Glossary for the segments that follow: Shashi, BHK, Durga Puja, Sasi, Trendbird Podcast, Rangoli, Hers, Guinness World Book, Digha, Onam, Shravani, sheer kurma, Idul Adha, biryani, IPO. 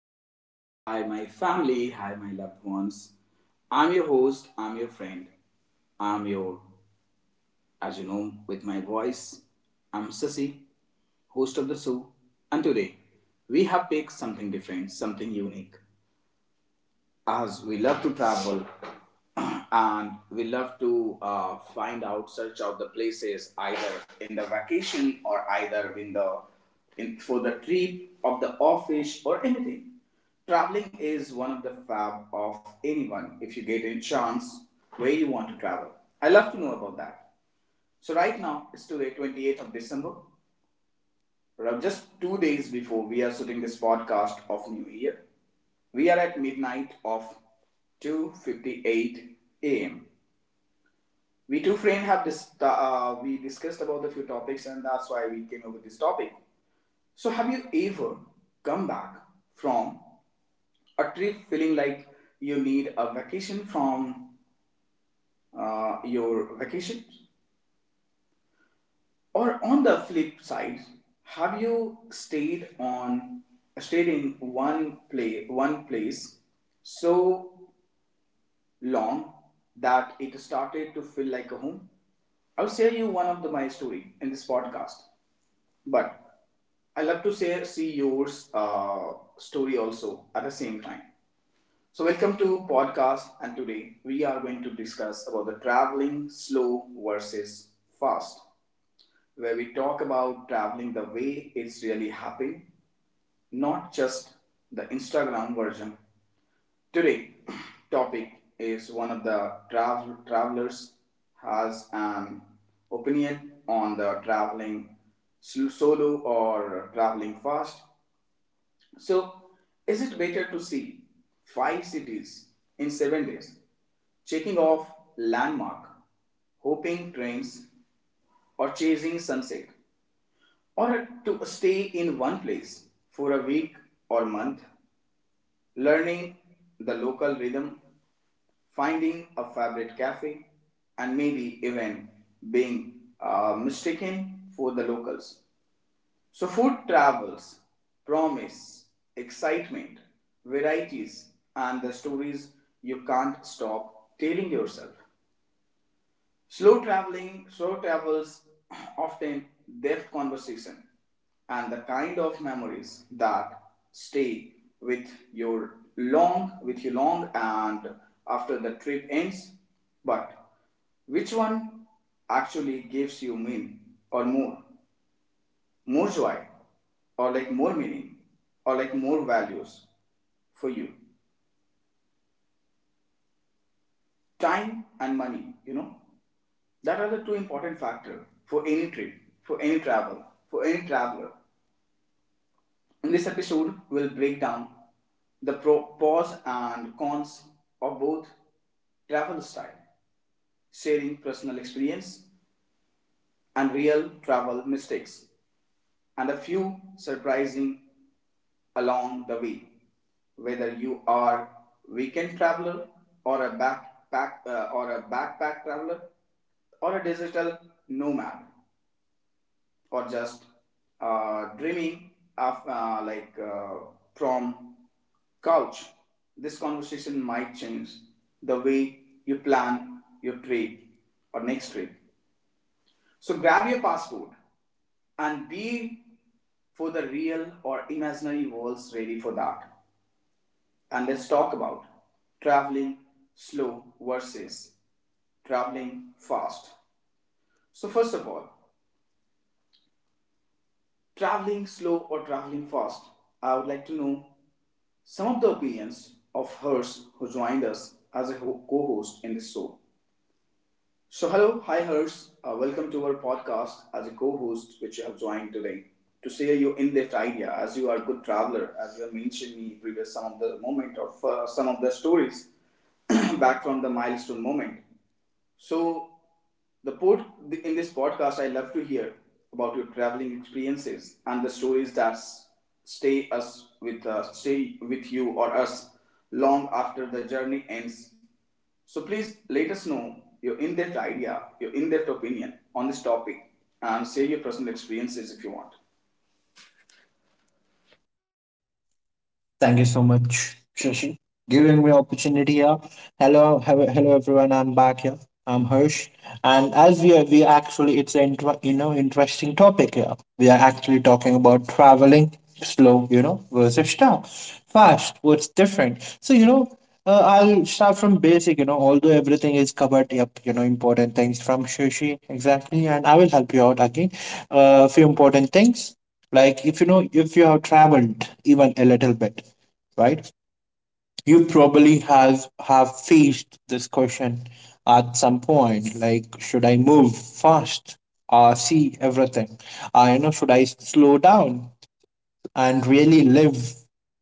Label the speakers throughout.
Speaker 1: dear friend, hi my family, hi my loved ones. I'm your host, I'm your friend, I'm your as you know, with my voice, I'm Sasi, host of the show, and today we have picked something different, something unique, as we love to travel and we love to find out search out the places either in the vacation or either in for the trip of the office or anything. Traveling is one of the fab of anyone. If you get a chance where you want to travel, I love to know about that. So right now it's today 28th of December, just 2 days before we are shooting this podcast of new year. We are at midnight of 2:58 a.m. We two friends have dis- we discussed about the few topics, and that's why we came up with this topic. So have you ever come back from a trip feeling like you need a vacation from your vacation? Or on the flip side, have you stayed in one place so long that it started to feel like a home. I'll share you one of my story in this podcast, but I love to share see yours story also at the same time. So welcome to podcast, and today we are going to discuss about the traveling slow versus fast, where we talk about traveling the way it's really happening, not just the Instagram version. Today, topic is one of the travelers has an opinion on the traveling solo or traveling fast. So, is it better to see five cities in 7 days, checking off landmark, hopping trains, or chasing sunset, or to stay in one place for a week or month, learning the local rhythm, finding a favorite cafe, and maybe even being mistaken for the locals. So, food travels, promise, excitement, varieties, and the stories you can't stop telling yourself. Slow travels often depth conversation, and the kind of memories that stay with your long with you long and after the trip ends. But which one actually gives you mean or more? More joy, or like more meaning, or like more values for you? Time and money, you know? That are the two important factors for any trip, for any travel, for any traveler. In this episode, we'll break down the pros and cons of both travel style, sharing personal experience and real travel mistakes, and a few surprising along the way. Whether you are weekend traveler, or a backpack traveler, or a digital nomad, or just dreaming of from couch, this conversation might change the way you plan your trip or next trip. So grab your passport and be for the real or imaginary worlds, ready for that, and let's talk about traveling slow versus traveling fast. So first of all, traveling slow or traveling fast, I would like to know some of the opinions of Hers, who joined us as a co host in this show. So, hello, hi Hers, welcome to our podcast as a co host, which you have joined today to share your in depth idea, as you are a good traveler, as you have mentioned me previous some of the moment of some of the stories back from the milestone moment. So, the pod, in this podcast, I love to hear about your traveling experiences and the stories that stay with you or us long after the journey ends. So please let us know your in-depth idea, your in-depth opinion on this topic, and share your personal experiences if you want.
Speaker 2: Thank you so much, Shashi, giving me opportunity here. Hello, hello, hello everyone. I'm back here. I'm Harsh, and as we are, we actually it's an interesting topic here. We are actually talking about traveling slow, you know, versus stop, fast. What's different? So you know. I'll start from basic, you know, although everything is covered, yep, you know, important things from Shashi, exactly, and I will help you out again. A few important things like if you know if you have traveled even a little bit, right, you probably have faced this question at some point like should I move fast, see everything, you know, should I slow down and really live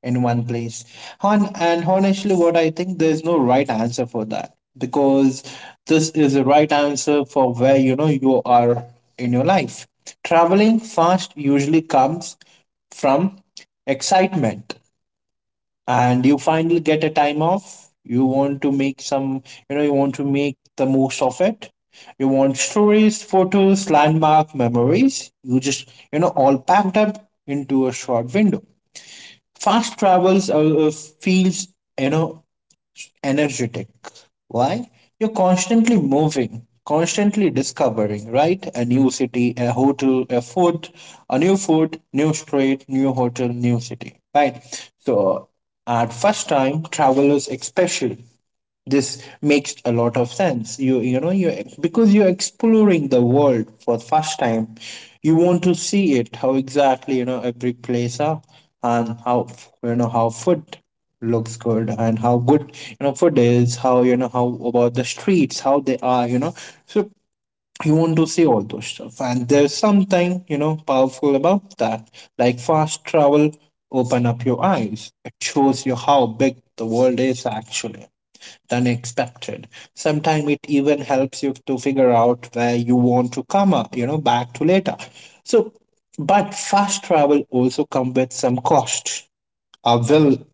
Speaker 2: in one place. And honestly, what I think there's no right answer for that because this is the right answer for where you know you are in your life. Traveling fast usually comes from excitement, and you finally get a time off, you want to make some, you know, you want to make the most of it. You want stories, photos, landmark memories, you just you know all packed up into a short window. Fast travels uh, feels, you know, energetic. Why? You're constantly moving, constantly discovering, right? A new city, a hotel, a food, a new food, new street, new hotel, new city, right? So, at first time, travelers especially, this makes a lot of sense. You because you're exploring the world for the first time, you want to see it how exactly you know every place are, and how, you know, how food looks good and how good you know food is, how you know how about the streets, how they are, you know. So you want to see all those stuff, and there's something you know powerful about that. Like fast travel open up your eyes, it shows you how big the world is actually than expected. Sometimes it even helps you to figure out where you want to come, up, you know, back to later. So, but fast travel also comes with some cost. Will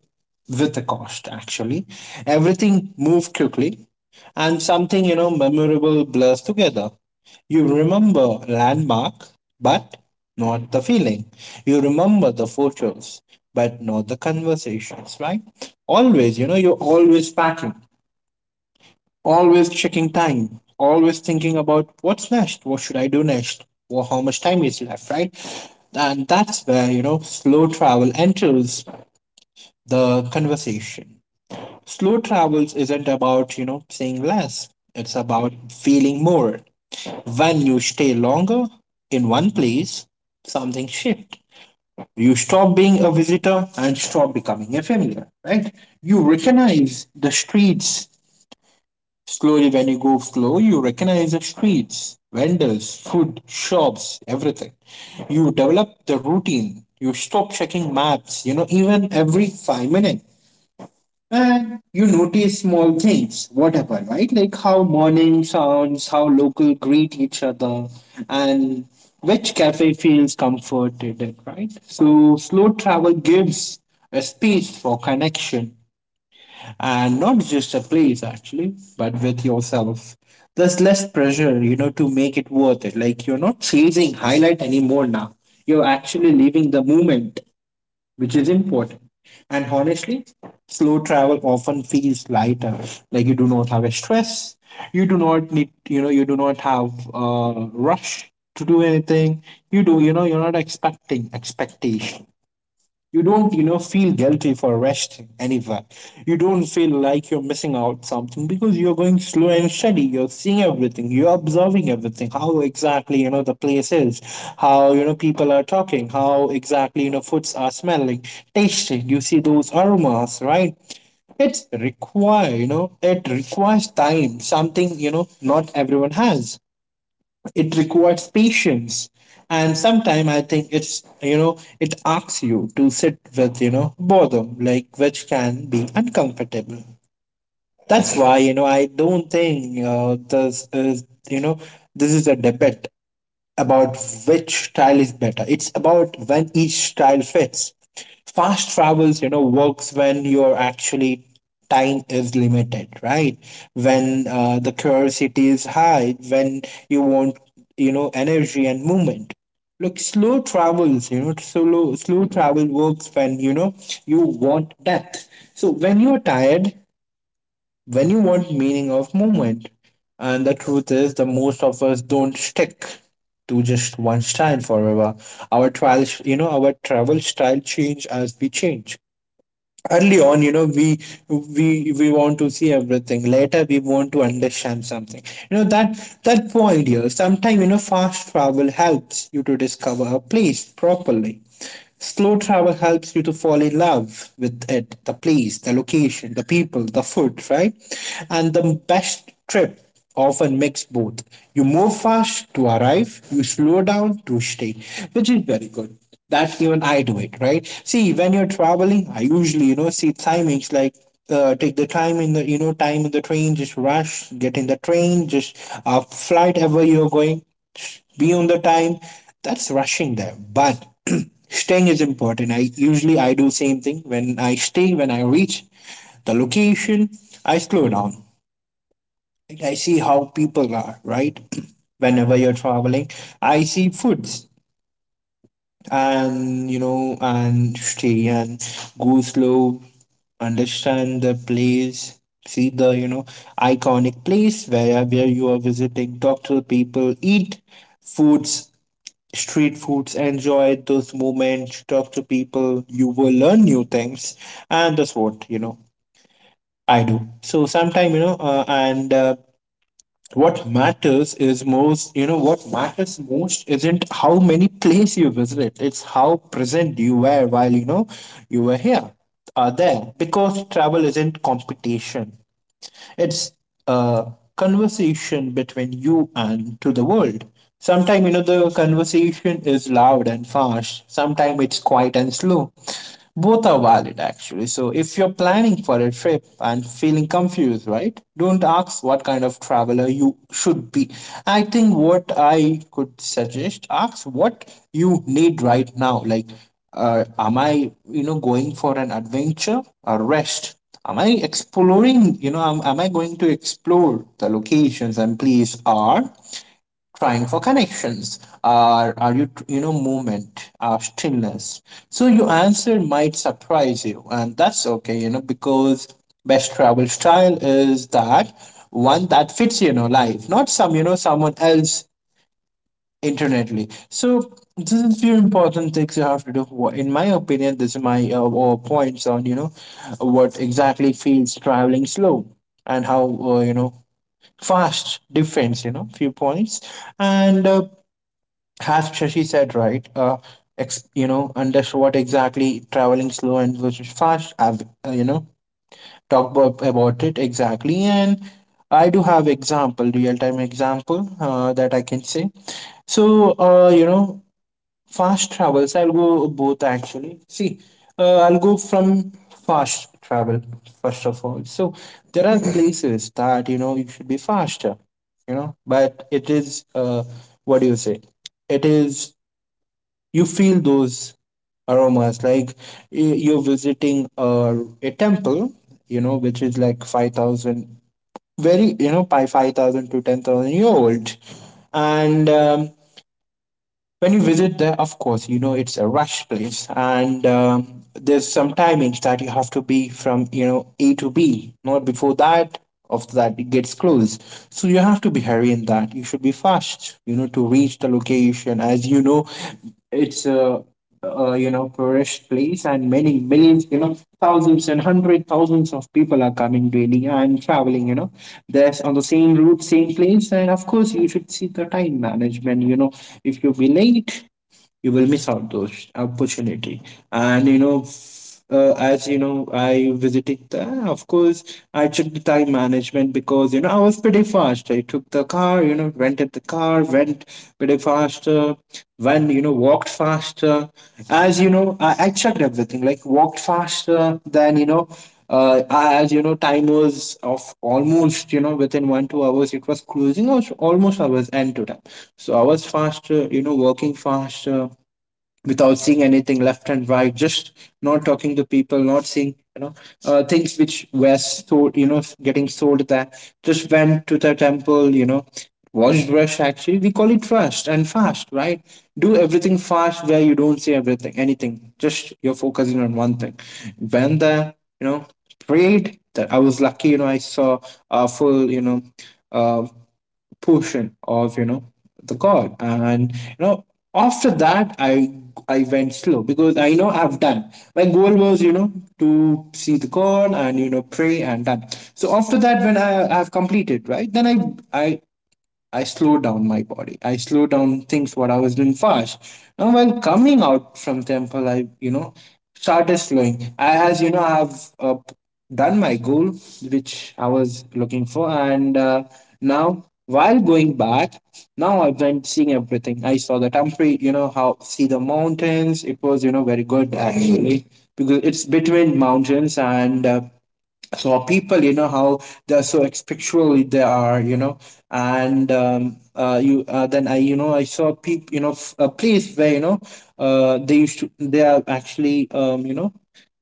Speaker 2: With a cost actually. Everything move quickly, and something you know memorable blurs together. You remember landmark, but not the feeling. You remember the photos, but not the conversations, right? Always, you know, you're always packing. Always checking time, always thinking about what's next, what should I do next, or how much time is left, right? And that's where, you know, slow travel enters the conversation. Slow travels isn't about, you know, saying less, it's about feeling more. When you stay longer in one place, something shifts. You stop being a visitor and stop becoming a familiar, right? You recognize the streets. Slowly, when you go slow, you recognize the streets, vendors, food, shops, everything. You develop the routine. You stop checking maps, you know, even every 5 minutes. And you notice small things, whatever, right? Like how morning sounds, how local greet each other, and which cafe feels comforted, right? So, slow travel gives a space for connection, and not just a place actually but with yourself. There's less pressure, you know, to make it worth it. Like you're not chasing highlight anymore now, you're actually living the moment, which is important. And honestly, slow travel often feels lighter. Like you do not have a stress, you do not need, you know, you do not have a rush to do anything. You do, you know, you're not expecting expectation, you don't, you know, feel guilty for resting anywhere. You don't feel like you're missing out something because you're going slow and steady. You're seeing everything, you're observing everything, how exactly you know the place is, how you know people are talking, how exactly you know foods are smelling, tasting, you see those aromas, right? It's require, you know, it requires time, something you know not everyone has. It requires patience, and sometimes I think it's you know it asks you to sit with you know boredom, like which can be uncomfortable. That's why you know I don't think, this is you know this is a debate about which style is better. It's about when each style fits. Fast travels, you know, works when you're actually time is limited, right? When the curiosity is high, when you want, you know, energy and movement. Look, slow travels, you know, slow travel works when you know you want depth. So when you're tired, when you want meaning of movement. And the truth is, the most of us don't stick to just one style forever. Our trials, you know, our travel style change as we change. Early on, you know, we want to see everything, later we want to understand something, you know, that that point here. Sometimes you know fast travel helps you to discover a place properly. Slow travel helps you to fall in love with it, the place, the location, the people, the food, right? And the best trip often mix both. You move fast to arrive, you slow down to stay, which is very good. That even I do it, right? See, when you're traveling, I usually, you know, see timings like, take the time in the, you know, time in the train, just rush, get in the train, just flight ever you're going, be on the time. That's rushing there. But staying is important. I usually I do same thing when I stay, when I reach the location, I slow down. I see how people are, right? Whenever you're traveling, I see foods, and you know and stay and go slow, understand the place, see the you know iconic place where you are visiting, talk to the people, eat foods, street foods, enjoy those moments, talk to people, you will learn new things. And that's what you know I do. So sometime you know, and what matters is most you know, what matters most isn't how many places you visit, it's how present you were while you know you were here, are there. Because travel isn't competition, it's a conversation between you and to the world. Sometimes you know the conversation is loud and fast. Sometimes it's quiet and slow. Both are valid actually. So if you're planning for a trip and feeling confused, right? Don't ask what kind of traveler you should be. I think what I could suggest, ask what you need right now. Like, am I, you know, going for an adventure or rest? Am I exploring? You know, am I going to explore the locations and place are, trying for connections? Are you tr- you know movement? Are stillness? So your answer might surprise you, and that's okay. You know, because best travel style is that one that fits you know life, not some you know someone else internetly. So this is few important things you have to do. In my opinion, this is my points on you know what exactly feels traveling slow, and how, you know, fast defense, you know, few points. And as Shashi said, right, and that's what exactly traveling slow and versus fast. I've, you know, talked about it exactly. And I do have example, real-time example, that I can say. So, you know, fast travels. I'll go both actually. See, I'll go from fast travel first of all. So there are places that you know you should be faster, you know, but it is, what do you say? It is, you feel those aromas like you're visiting a temple, you know, which is like 5,000, very you know, by 5,000 to 10,000 year old, and when you visit there of course you know it's a rush place, and there's some timings that you have to be from you know A to B, not before that. After that it gets closed. So you have to be hurry in that, you should be fast, you know, to reach the location as you know it's a, you know, tourist place, and many millions, you know, thousands and hundred thousands of people are coming daily and traveling, you know, there's on the same route, same place. And of course, you should see the time management, you know. If you be late, you will miss out those opportunity. And you know as you know I visited there of course. I took the time management because you know I was pretty fast. I took the car, you know, rented the car, went pretty faster. When you know walked faster, as you know I checked everything like walked faster than you know, as you know time was of almost you know within 1 2 hours it was closing also almost hours end to time. So I was faster, you know, working faster without seeing anything left and right, just not talking to people, not seeing you know, things which were sold, you know, getting sold there. Just went to the temple, you know, watched rush. Actually, we call it trust and fast, right? Do everything fast where you don't see everything, anything. Just you're focusing on one thing. Went there, you know, prayed that I was lucky, you know, I saw a full you know. Uh, Portion of you know the chord, and you know after that I went slow because I know I've done. My goal was you know to see the chord and you know pray and done. So after that when I've completed, right, then i I slow down my body. I slow down things what I was doing fast. Now while coming out from temple, I you know started slowing. I as you know I've, uh, done my goal which I was looking for, and now while going back, now I went seeing everything. I saw the temple, you know how, see the mountains. It was you know very good actually because it's between mountains and. For people you know how they're so expectual they are you know, and you then I you know I saw people, you know, a place where you know, they used to, they are actually, you know,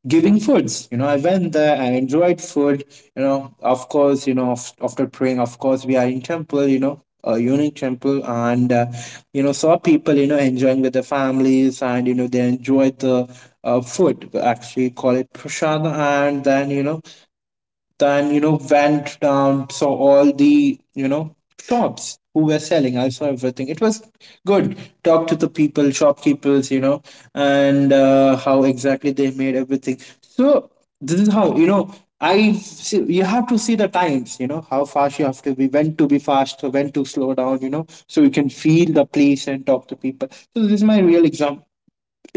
Speaker 2: giving foods. You know I went there, I enjoyed food, you know, of course you know after praying, of course we are in temple, you know, a unique temple, and you know saw people, you know, enjoying with their families, and you know they enjoyed the, food. We actually call it prashad. And then you know, then you know went down, saw all the you know shops who were selling. I saw everything, it was good. Talked to the people, shopkeepers, you know, and how exactly they made everything. So this is how you know I see. You have to see the times, you know, how fast you have to be, when to be fast, when to slow down, you know, so you can feel the place and talk to people. So this is my real example,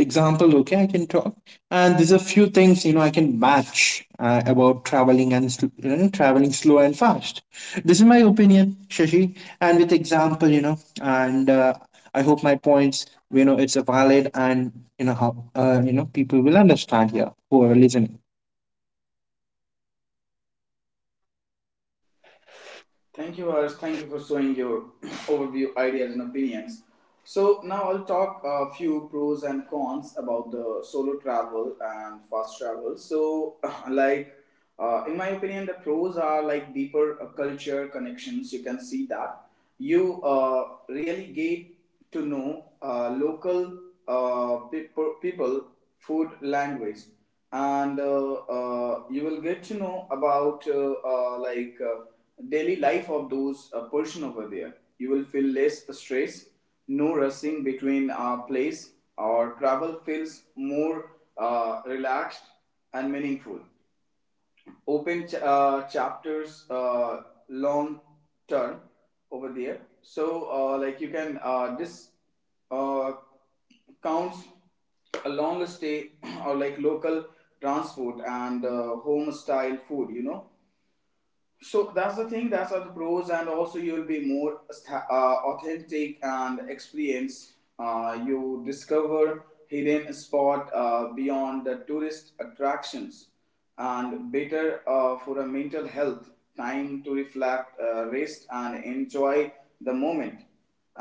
Speaker 2: example. Okay, I can talk. And there's a few things you know I can match, about traveling and traveling slow and fast. This is my opinion, Shashi, and with example, you know, and I hope my points you know it's valid, and you know how, you know, people will understand here who are listening.
Speaker 1: Thank you, Harsh. Thank you for showing your overview, ideas, and opinions. So now I'll talk a few pros and cons about the solo travel and fast travel. So, like, in my opinion, the pros are like deeper culture connections. You can see that you really get to know local people, food, language, and you will get to know about daily life of those person over there. You will feel less stress, no rushing between place, or travel feels more relaxed and meaningful, open chapters long term over there. So like you can this uh, counts a long stay or like local transport and home style food, you know. So that's the thing. That's are the pros, and also you will be more authentic and experience. You discover hidden spot beyond the tourist attractions, and better for a mental health. Time to reflect, rest, and enjoy the moment.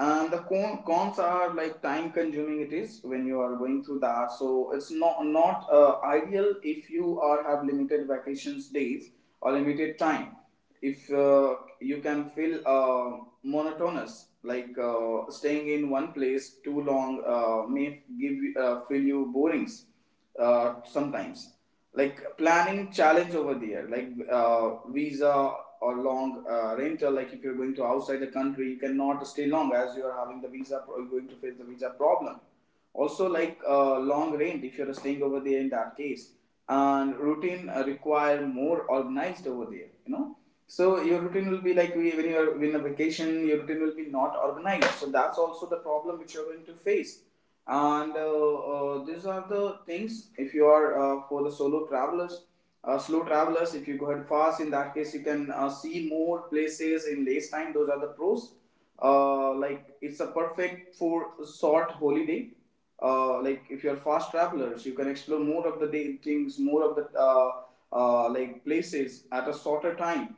Speaker 1: And the cons are like time consuming it is when you are going through that. So it's not ideal if you are have limited vacations days or limited time. If you can feel monotonous, like staying in one place too long may feel you borings sometimes, like planning challenge over there, like visa or long rental. Like if you're going to outside the country, you cannot stay long as you are having the you're going to face the visa problem. Also like long rent if you're staying over there, in that case. And routine require more organized over there, you know. So your routine will be like when you're in a vacation, your routine will be not organized, so that's also the problem which you're going to face. And these are the things. If you are for the solo travelers, slow travelers, if you go ahead fast, in that case you can see more places in less time. Those are the pros. Like it's a perfect for short holiday. Like if you're fast travelers, you can explore more of the day, things, more of the places at a shorter time.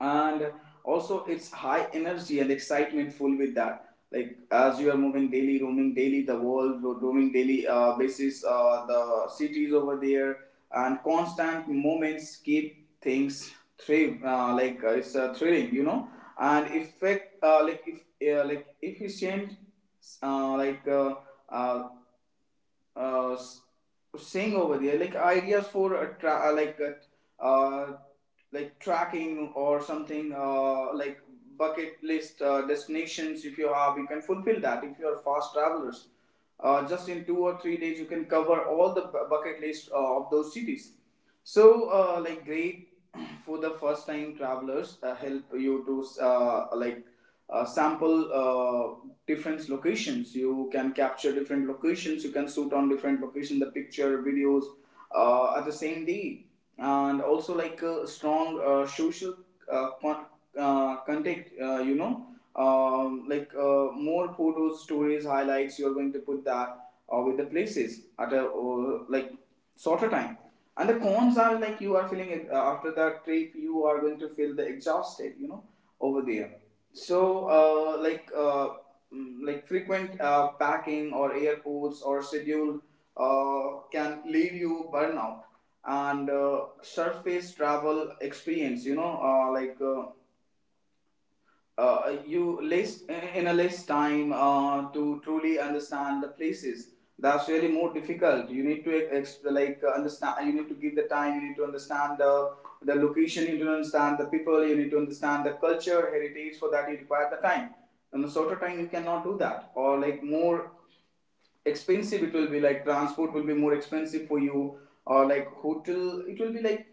Speaker 1: And also it's high energy and excitement full with that, like as you are moving daily, roaming daily, the world roaming daily basis the cities over there. And constant moments keep things thrill, it's thrilling, you know. And effect, like if efficient, uh, like uh, uh, uh, s- saying over there, like ideas for a tracking or something, like bucket list destinations. If you have, you can fulfill that. If you are fast travelers, just in 2 or 3 days, you can cover all the bucket list of those cities. So, like great for the first time travelers, help you to sample different locations. You can capture different locations, you can shoot on different location the picture videos at the same day. And also like a strong social uh, con- contact, you know. Like more photos, stories, highlights you're going to put that with the places at a like shorter time. And the cons are like you are feeling after that trip, you are going to feel the exhausted, you know, over there. So like frequent packing or airports or schedule uh, can leave you burnout. And surface travel experience, you know, you less in a less time to truly understand the places. That's really more difficult. You need to understand, you need to give the time, you need to understand the location, you need to understand the people, you need to understand the culture heritage. For that you require the time. In a shorter time you cannot do that. Or like more expensive it will be, like transport will be more expensive for you. Or like hotel, it will be like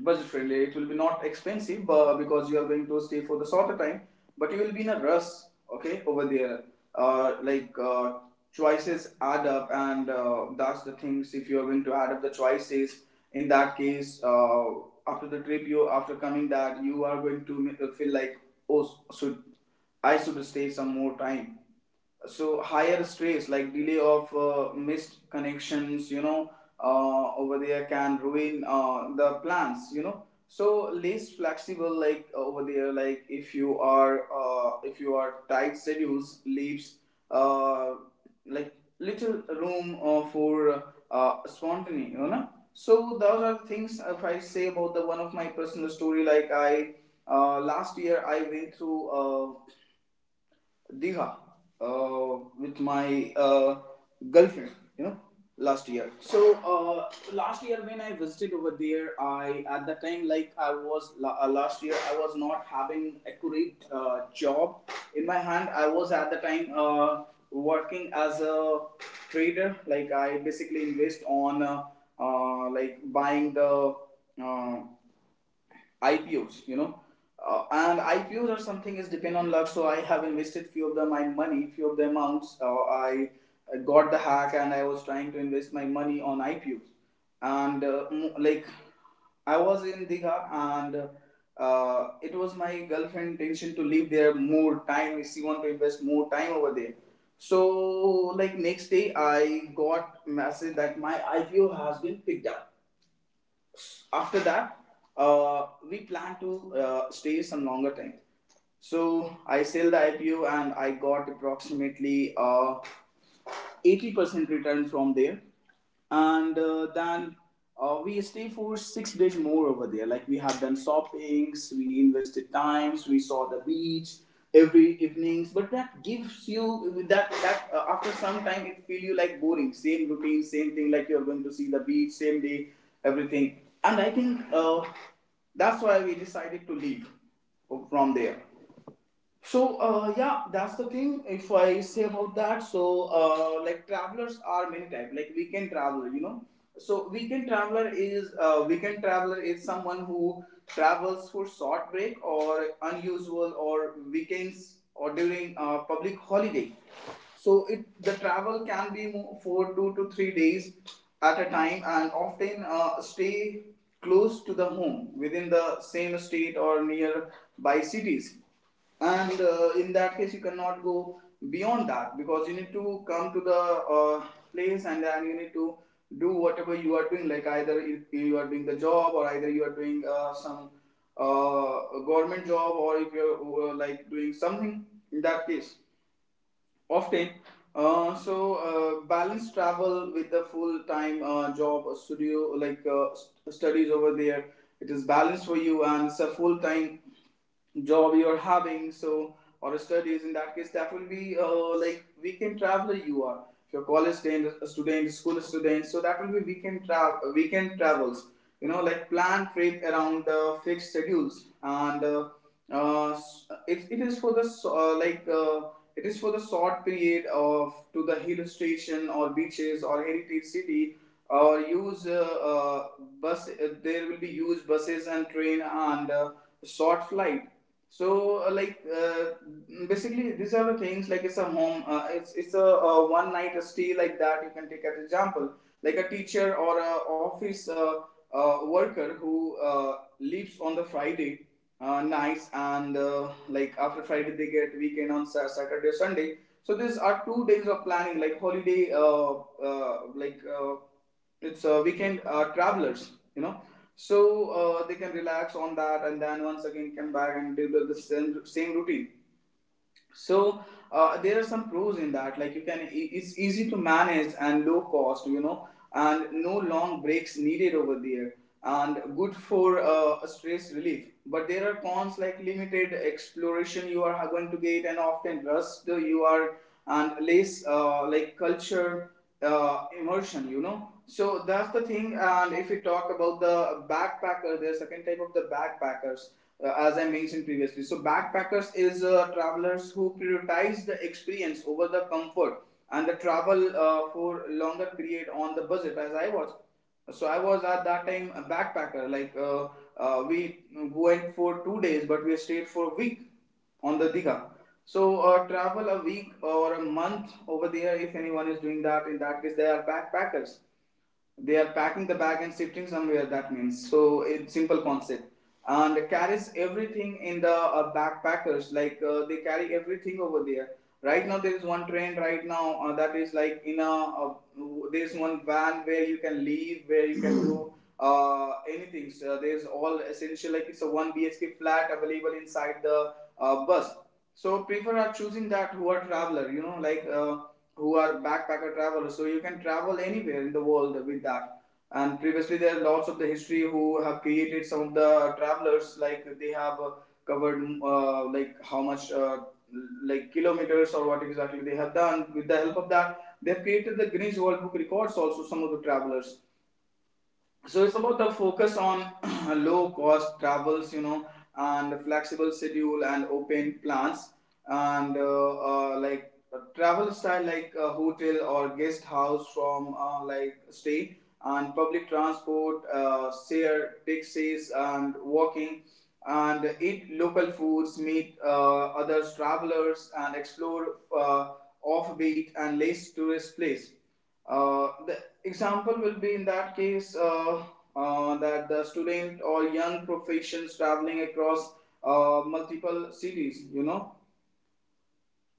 Speaker 1: budget friendly. It will be not expensive because you are going to stay for the shorter time, but you will be in a rush, okay, over there. Uh, like uh, Choices add up, and that's the things. If you are going to add up the choices, in that case, after the trip, you after coming that you are going to feel like oh, should I should stay some more time. So higher stress like delay of missed connections. Over there can ruin the plans. So less flexible, like over there, like if you are tight schedules leaves uh, like little room for spontaneity, you know. So those are the things. If I say about the one of my personal story, like I, last year I went through Diha with my girlfriend, you know, last year. So last year when I visited over there, I at that time, like I was last year I was not having accurate job in my hand. I was at the time working as a trader. Like I basically invest on like buying the uh, IPOs, you know. And IPOs or something is depend on luck. So I have invested few of the my money, few of the amounts. I got the hack and I was trying to invest my money on IPOs. And like I was in Digha and it was my girlfriend intention to live there more time. She want to invest more time over there. So like next day I got message that my IPO has been picked up. After that we plan to stay some longer time. So I sell the IPO and I got approximately 80% return from there. And uh, then uh, we stay for 6 days more over there. Like we have done shoppings, we invested times, we saw the beach every evenings. But that gives you that after some time it feel you like boring, same routine, same thing, like you're going to see the beach same day, everything. And I think, that's why we decided to leave from there. So yeah, that's the thing. If I say about that, so like travelers are many type. Like weekend traveler, you know. So weekend traveler is someone who travels for short break or unusual or weekends or during public holiday. So it the travel can be for 2 to 3 days at a time, and often stay close to the home within the same state or nearby cities. And in that case you cannot go beyond that because you need to come to the place and then you need to do whatever you are doing. Like either you- are doing the job, or either you are doing some uh, government job, or if you're like doing something. In that case often, uh, so balance travel with the full time job studio, like studies over there. It is balanced for you, and it's a full time job you're having. So or studies in that case, that will be like weekend traveler you are. If you're college student, a student school student, so that will be weekend travel, weekend travels, you know. Like plan trip around the fixed schedules, and uh, it is for the like it is for the short period of to the hill station or beaches or heritage city. Or use bus, there will be used buses and train and short flight. So basically these are the things. Like it's a home it's a one night stay, like that you can take as example. Like a teacher or a office worker who leaves on the Friday nights, and like after Friday they get weekend on Saturday or Sunday. So these are 2 days of planning like holiday, uh, like uh, it's weekend travelers, you know. So they can relax on that and then once again come back and do the same, same routine. So there are some pros in that, like you can it's easy to manage and low cost, you know. And no long breaks needed over there. And good for stress relief. But there are cons like limited exploration you are going to get, and often rust you are, and less like culture immersion, you know. So that's the thing. And if we talk about the backpacker, there's second type of the backpackers, as I mentioned previously. So backpackers is travelers who prioritize the experience over the comfort, and the travel for longer period on the budget, as I was. So I was at that time a backpacker. Like we went for 2 days, but we stayed for a week on the Diga. So travel a week or a month over there. If anyone is doing that, in that case they are backpackers. They are packing the bag and shifting somewhere, that means. So, it's simple concept. And carries everything in the backpackers, like they carry everything over there. Right now, there is one trend right now that is like in a, there's one van where you can leave, where you can do anything. So, there's all essential, like it's a 1 BHK flat available inside the bus. So, prefer are choosing that who are traveler, you know, like. Who are backpacker travelers. So you can travel anywhere in the world with that. And previously, there are lots of the history who have created some of the travelers, like they have covered like how much like kilometers or what exactly they have done. With the help of that, they have created the Guinness World Book records. Also, some of the travelers. So it's about the focus on low cost travels, you know. And flexible schedule and open plans, and like a travel style, like a hotel or guest house from like stay, and public transport, share taxis and walking, and eat local foods, meet other travelers and explore uh, offbeat and less tourist place. The example will be in that case that the student or young professions traveling across multiple cities, you know,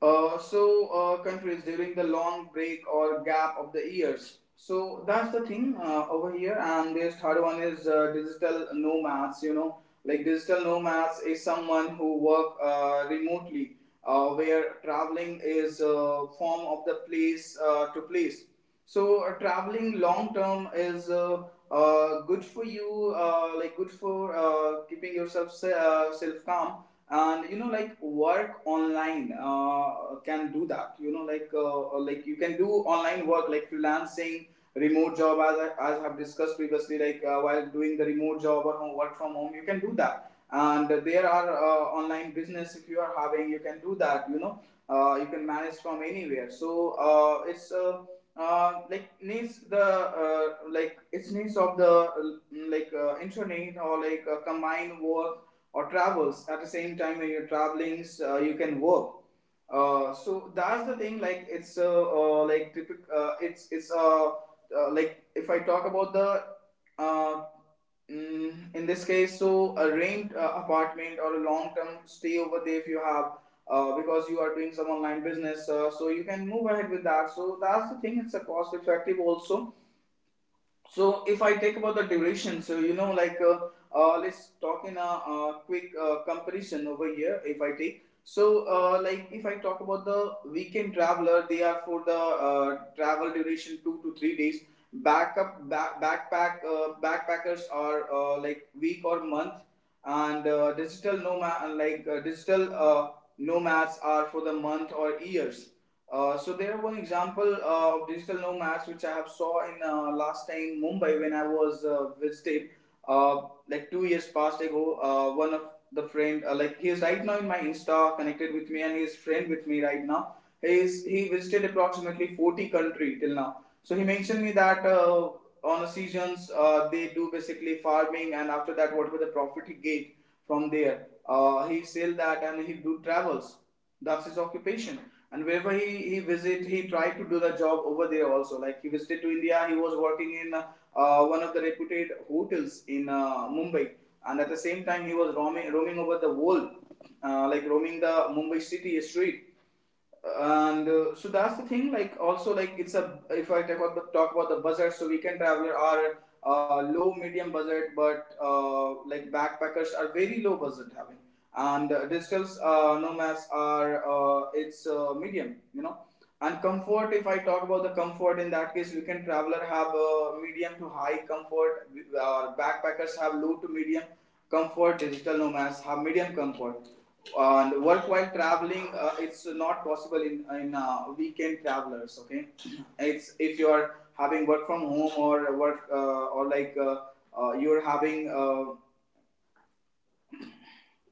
Speaker 1: countries during the long break or gap of the years. So that's the thing over here. And this third one is digital nomads. You know, like digital nomads is someone who work remotely, where traveling is form of the place to place. So traveling long term is good for you. Like good for keeping yourself self calm. And you know like work online, can do that, you know, like you can do online work like freelancing, remote job, as I've discussed previously, like while doing the remote work from home, you can do that. And there are online business if you are having, you can do that, you know. You can manage from anywhere. So it's like needs the like it's needs of the internet, or like combined work or travels at the same time. When you're traveling, you can work. So that's the thing, like it's like typical, it's like if I talk about the uh, in this case, so a rent apartment or a long term stay over there if you have, because you are doing some online business, so you can move ahead with that. So that's the thing, it's a cost effective also. So if I take about the duration, so you know, like let's talk in a, quick comparison over here. If I take, so like if I talk about the weekend traveler, they are for the travel duration 2 to 3 days. Backup back, backpack backpackers are like week or month, and digital nomad, like digital nomads are for the month or years. So there one example of digital nomads which I have saw in last time Mumbai when I was visiting, uh, like 2 years past ago. One of the friend, like he is right now in my Insta, connected with me, and he is friend with me right now. He visited approximately 40 country till now. So he mentioned me that on the seasons they do basically farming, and after that whatever the profit he get from there, he sell that and he do travels. That's his occupation. And wherever he visit, he tried to do the job over there also. Like he visited to India, he was working in one of the reputed hotels in Mumbai, and at the same time he was roaming over the world, like roaming the Mumbai city street. And so that's the thing, like also, like it's a, if I talk about talk about the budget, so weekend traveler are low medium budget, but like backpackers are very low budget having. And digital nomads are it's medium, you know. And comfort, if I talk about the comfort, in that case weekend traveler have medium to high comfort. Backpackers have low to medium comfort. Digital nomads have medium comfort. And work while traveling, it's not possible in weekend travelers, okay. It's if you are having work from home, or work or like you're having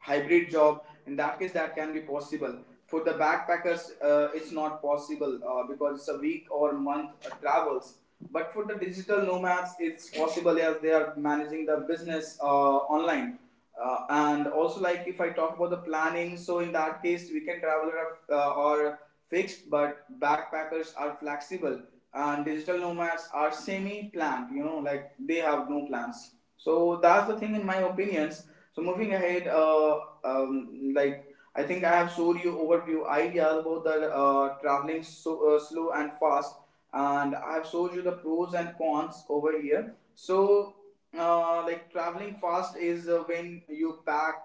Speaker 1: hybrid job, in that case that can be possible. For the backpackers, it's not possible because it's a week or month travels. But for the digital nomads, it's possible as they are managing the business online. And also, like if I talk about the planning, so in that case weekend traveler are fixed, but backpackers are flexible, and digital nomads are semi planned, you know, like they have no plans. So that's the thing in my opinion. So moving ahead, like I think I have showed you overview ideas about the traveling, so slow and fast, and I have showed you the pros and cons over here. So, like traveling fast is when you pack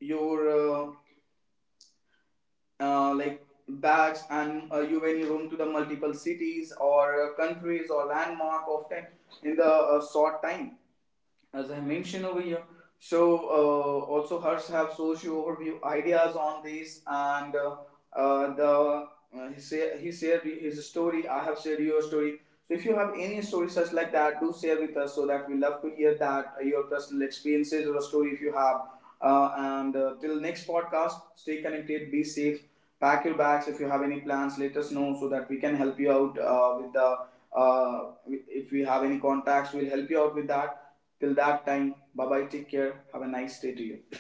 Speaker 1: your like bags, and you when you roam to the multiple cities or countries or landmark often in the short time, as I mentioned over here. So also hers have socio overview ideas on this, and the he, say, he shared his story. I have shared your story. So if you have any story such like that, do share with us so that we love to hear that, your personal experiences or a story if you have. And till next podcast, stay connected, be safe, pack your bags. If you have any plans, let us know so that we can help you out with the. If we have any contacts, we'll help you out with that. Till that time, bye bye, take care, have a nice day to you.